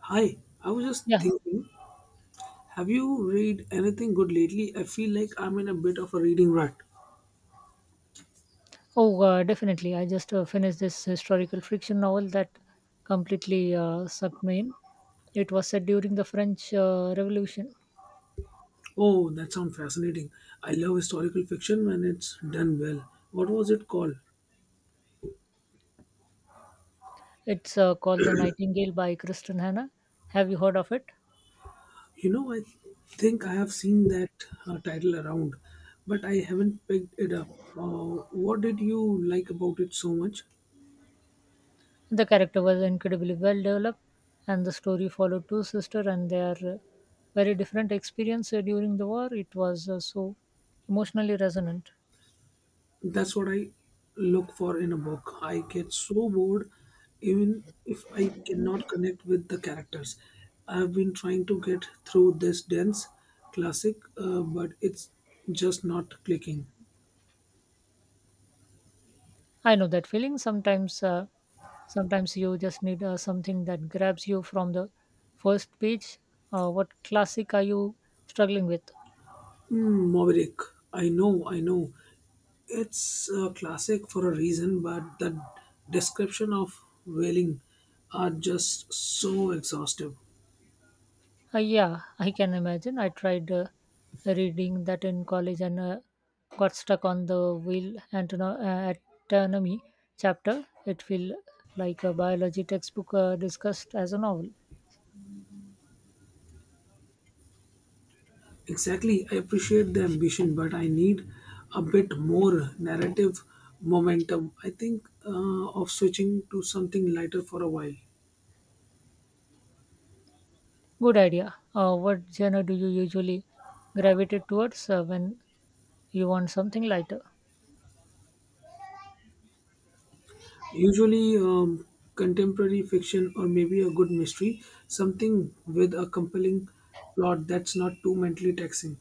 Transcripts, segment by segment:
Hi, I was just Yeah. thinking, have you read anything good lately? I feel like I'm in a bit of a reading rut. Oh, Definitely. I just finished this historical fiction novel that completely sucked me in. It was set during the French Revolution. Oh, that sounds fascinating. I love historical fiction when it's done well. What was it called? It's called The Nightingale by Kristen Hannah. Have you heard of it? You know, I think I have seen that title around, but I haven't picked it up. What did you like about it so much? The character was incredibly well developed, and the story followed two sisters and their very different experience during the war. It was so emotionally resonant. That's what I look for in a book. I get so bored even if I cannot connect with the characters. I've been trying to get through this dense classic, but it's just not clicking. I know that feeling. Sometimes you just need something that grabs you from the first page. What classic are you struggling with? Mm, Maverick, I know, I know. It's a classic for a reason, but the description of whaling are just so exhaustive. Yeah, I can imagine. I tried reading that in college and got stuck on the anatomy chapter. It felt like a biology textbook discussed as a novel. Exactly, I appreciate the ambition, but I need a bit more narrative momentum. I think of switching to something lighter for a while. Good idea. What genre do you usually gravitate towards when you want something lighter? Usually, contemporary fiction or maybe a good mystery, something with a compelling plot that's not too mentally taxing.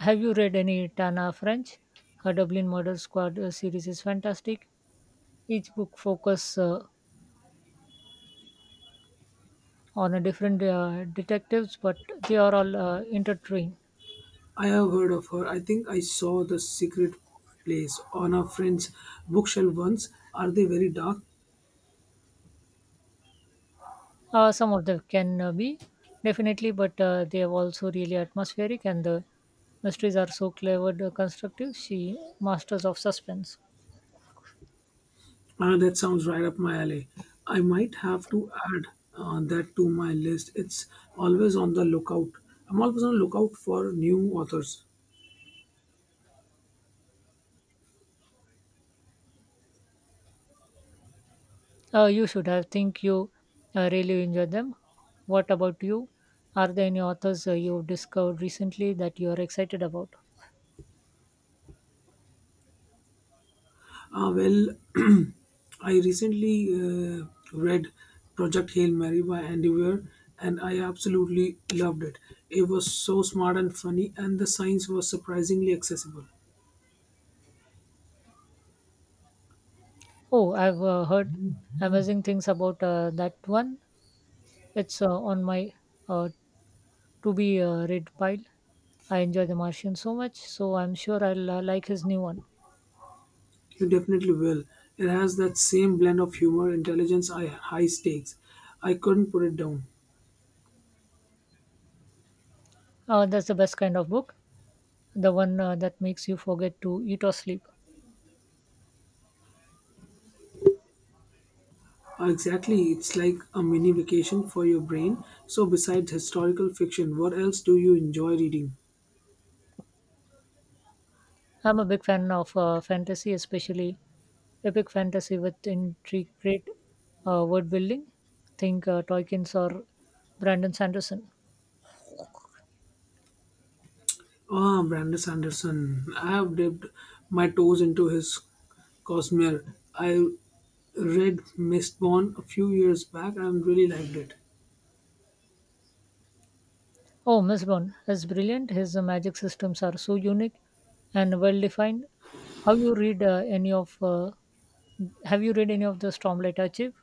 Have you read any Tana French? Her Dublin Murder Squad series is fantastic. Each book focuses on a different detectives, but they are all intertwined. I have heard of her. I think I saw The Secret Place on a friend's bookshelf once. Are they very dark? Some of them can be definitely, but they are also really atmospheric, and the mysteries are so clever, constructive. She masters of suspense. Ah, that sounds right up my alley. I might have to add that to my list. It's always on the lookout. I'm always on the lookout for new authors. You should. I think you really enjoy them. What about you? Are there any authors you've discovered recently that you are excited about? Ah, well, I recently read Project Hail Mary by Andy Weir, and I absolutely loved it. It was so smart and funny, and the science was surprisingly accessible. Oh, I've heard amazing things about that one. It's on my uh, to be read pile. I enjoy The Martian so much, so I'm sure I'll like his new one. You definitely will. It has that same blend of humor, intelligence, and high stakes. I couldn't put it down. That's the best kind of book, the one that makes you forget to eat or sleep. Exactly, it's like a mini vacation for your brain. So, besides historical fiction, what else do you enjoy reading? I'm a big fan of fantasy, especially epic fantasy with intricate word building. Think Tolkien's or Brandon Sanderson. Ah, Brandon Sanderson. I have dipped my toes into his Cosmere. I read Mistborn a few years back and really liked it. Oh, Miss Bond is brilliant. His magic systems are so unique and well defined. How you read any of? Have you read any of the Stormlight Archive?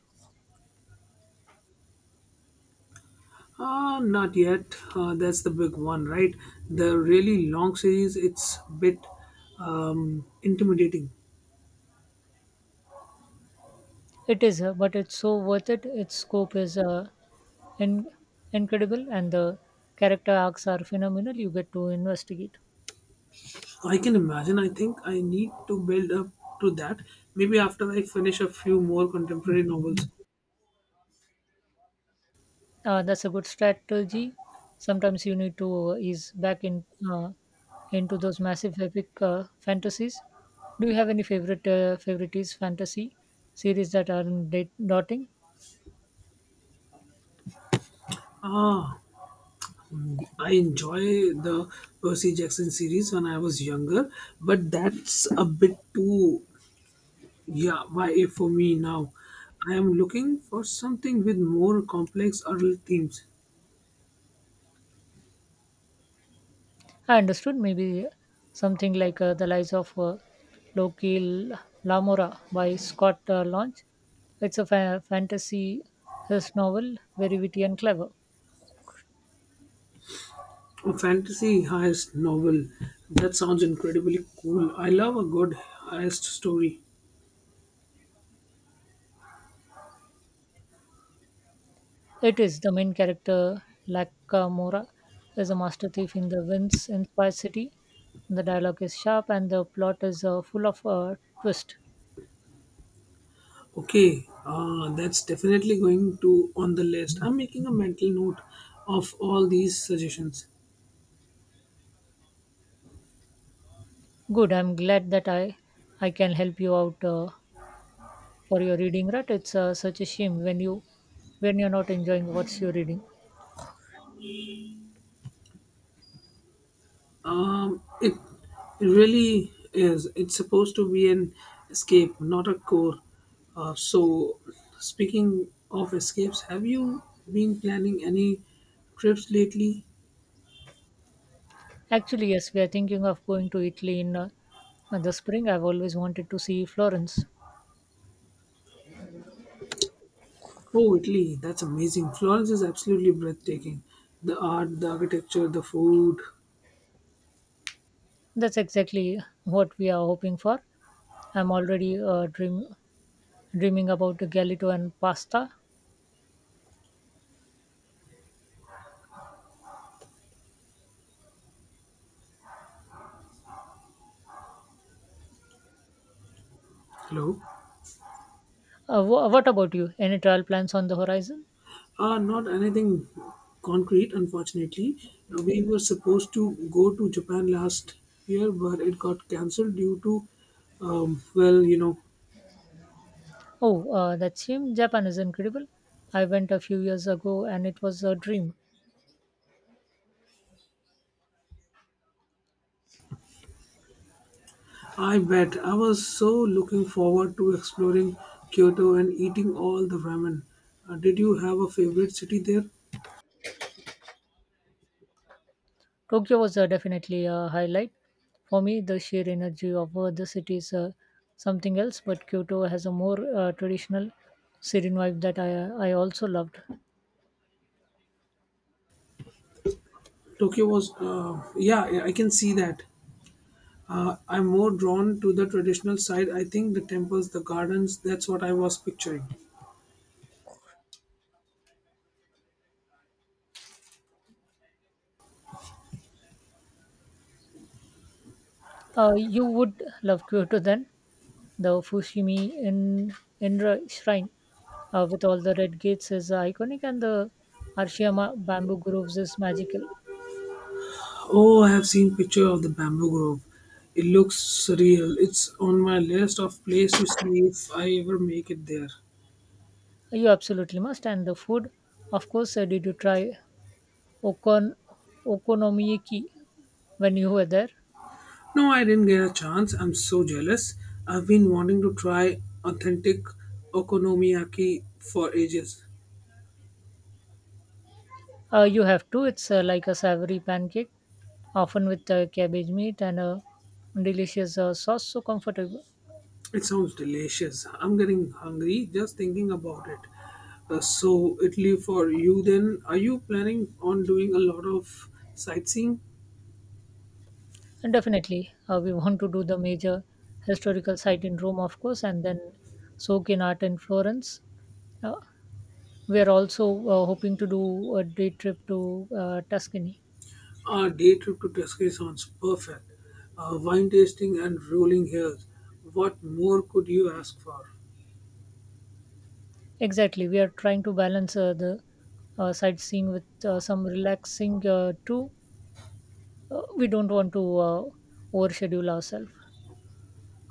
Ah, not yet. That's the big one, right? The really long series, it's a bit intimidating. It is, but it's so worth it. Its scope is in- incredible, and the character arcs are phenomenal. You get to investigate. I can imagine. I think I need to build up to that. Maybe after I finish a few more contemporary novels. That's a good strategy. Sometimes you need to ease back in uh, into those massive epic fantasies. Do you have any favorites fantasy series that aren't date dotting? Ah, mm, I enjoy the Percy Jackson series when I was younger, but that's a bit too yeah, YA for me now. I am looking for something with more complex oral themes. I understood maybe something like The Lies of Loki Lamora by Scott Launch. It's a fantasy his novel, very witty and clever. A fantasy heist novel. That sounds incredibly cool. I love a good heist story. It is the main character, Lakamora, is a master thief in the Vince inspired city. The dialogue is sharp and the plot is full of twist. Okay, that's definitely going to on the list. I'm making a mental note of all these suggestions. Good, I'm glad that I can help you out for your reading rut. It's such a shame when you're not enjoying what you're reading. Um, it, it really is. It's supposed to be an escape, not a core. So, speaking of escapes, have you been planning any trips lately? Actually, yes, we are thinking of going to Italy in the spring. I've always wanted to see Florence. Oh, Italy, that's amazing. Florence is absolutely breathtaking. The art, the architecture, the food. That's exactly what we are hoping for. I'm already dreaming about Galito and pasta. Hello? What about you? Any travel plans on the horizon? Not anything concrete, unfortunately. We were supposed to go to Japan last year, but it got cancelled due to, well, you know, Oh, that seems Japan is incredible. I went a few years ago and it was a dream. I bet I was so looking forward to exploring Kyoto and eating all the ramen. Did you have a favorite city there? Tokyo was definitely a highlight. For me, the sheer energy of the city is something else, but Kyoto has a more traditional serene vibe that I also loved. Tokyo was, yeah, yeah, I can see that. I'm more drawn to the traditional side. I think the temples, the gardens, that's what I was picturing. You would love Kyoto then? The Fushimi in Inra Shrine with all the red gates is iconic, and the Arashiyama bamboo groves is magical. Oh, I have seen picture of the bamboo grove. It looks surreal. It's on my list of place to see if I ever make it there. You absolutely must. And the food, of course, did you try okon okonomiyaki when you were there? No, I didn't get a chance. I'm so jealous. I've been wanting to try authentic okonomiyaki for ages. You have to. It's like a savory pancake, often with cabbage meat and a delicious sauce, so comfortable. It sounds delicious. I'm getting hungry just thinking about it. So, Italy for you then. Are you planning on doing a lot of sightseeing? And definitely, we want to do the major historical site in Rome, of course, and then soak in art in Florence. Uh, we are also hoping to do a day trip to Tuscany. A day trip to Tuscany sounds perfect. Wine tasting and rolling hills. What more could you ask for? Exactly, we are trying to balance the sightseeing with some relaxing too. We don't want to overschedule ourselves.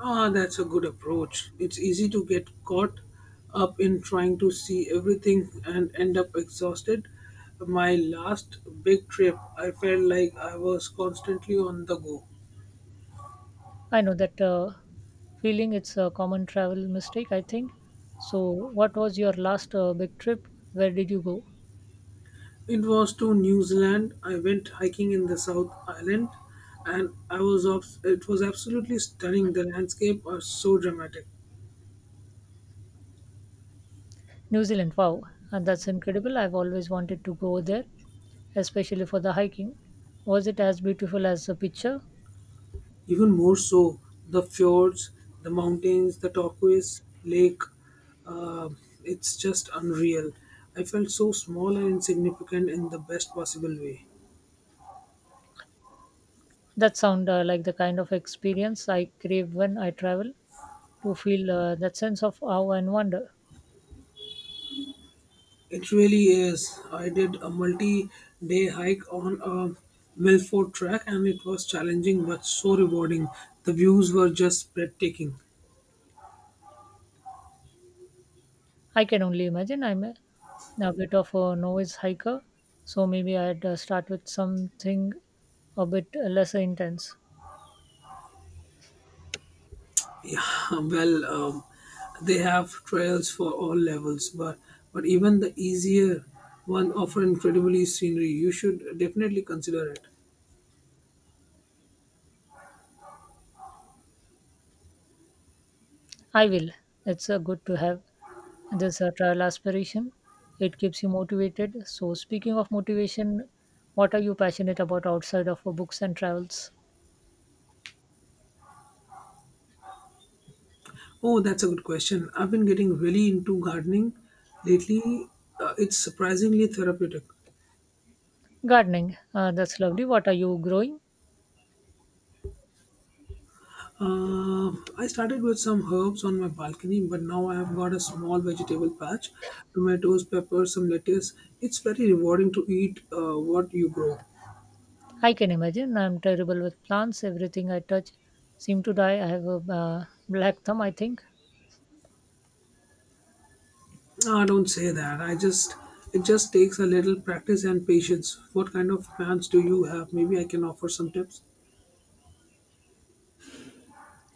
Ah, that's a good approach. It's easy to get caught up in trying to see everything and end up exhausted. My last big trip, I felt like I was constantly on the go. I know that feeling. It's a common travel mistake, I think. So, what was your last big trip? Where did you go? It was to New Zealand. I went hiking in the South Island and it was absolutely stunning. The landscape are so dramatic. New Zealand. Wow, and that's incredible. I've always wanted to go there, especially for the hiking. Was it as beautiful as the picture? Even more so, the fjords, the mountains, the turquoise lake, uh, it's just unreal. I felt so small and insignificant in the best possible way. That sound like the kind of experience I crave when I travel to feel that sense of awe and wonder. It really is. I did a multi day hike on a Milford track and it was challenging but so rewarding. The views were just breathtaking. I can only imagine I'm a bit of a novice hiker, so maybe I'd start with something a bit less intense. Yeah, well, they have trails for all levels, but even the easier one offer incredibly scenery. You should definitely consider it. I will. It's good to have this travel aspiration. It keeps you motivated. So, speaking of motivation, what are you passionate about outside of books and travels? Oh, that's a good question. I've been getting really into gardening lately. It's surprisingly therapeutic. Gardening. That's lovely. What are you growing? Uh, I started with some herbs on my balcony, but now I have got a small vegetable patch, tomatoes, peppers, some lettuce. It's very rewarding to eat what you grow. I can imagine. I'm terrible with plants. Everything I touch seems to die. I have a black thumb, I think. Ah, don't say that. I just it just takes a little practice and patience. What kind of plans do you have? Maybe I can offer some tips.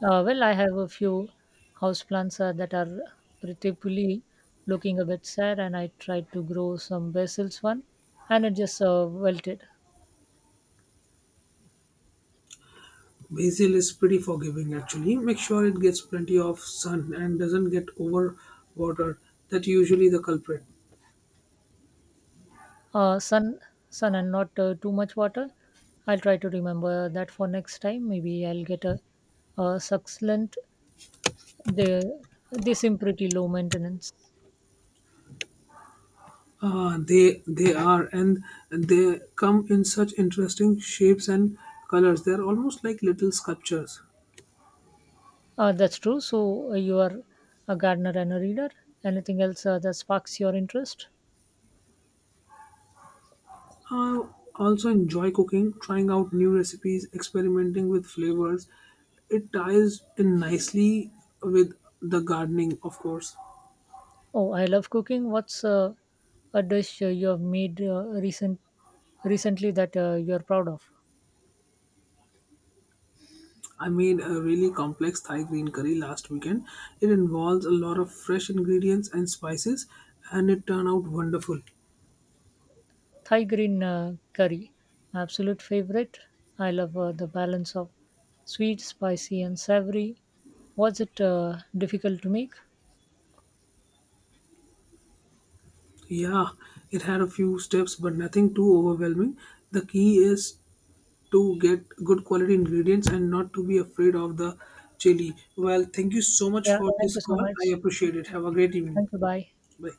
Well, I have a few houseplants that are particularly looking a bit sad, and I tried to grow some basils one, and it just wilted. Basil is pretty forgiving actually. Make sure it gets plenty of sun and doesn't get over watered. That usually the culprit. Uh, sun, Sun, and not too much water. I'll try to remember that for next time. Maybe I'll get a succulent. They they seem pretty low maintenance. Ah, they are and they come in such interesting shapes and colors. They're almost like little sculptures. That's true. So you are a gardener and a reader. Anything else that sparks your interest? I also enjoy cooking, trying out new recipes, experimenting with flavors. It ties in nicely with the gardening, of course. Oh, I love cooking. What's a dish you have made recently that you are proud of? I made a really complex Thai green curry last weekend. It involves a lot of fresh ingredients and spices, and it turned out wonderful. Thai green curry, my absolute favorite. I love the balance of sweet, spicy, and savory. Was it difficult to make? Yeah, it had a few steps, but nothing too overwhelming. The key is to get good quality ingredients and not to be afraid of the chili. Well, thank you so much Yeah. for Thank this you so call. I much. appreciate it. Have a great evening. Thank you. Bye. Bye.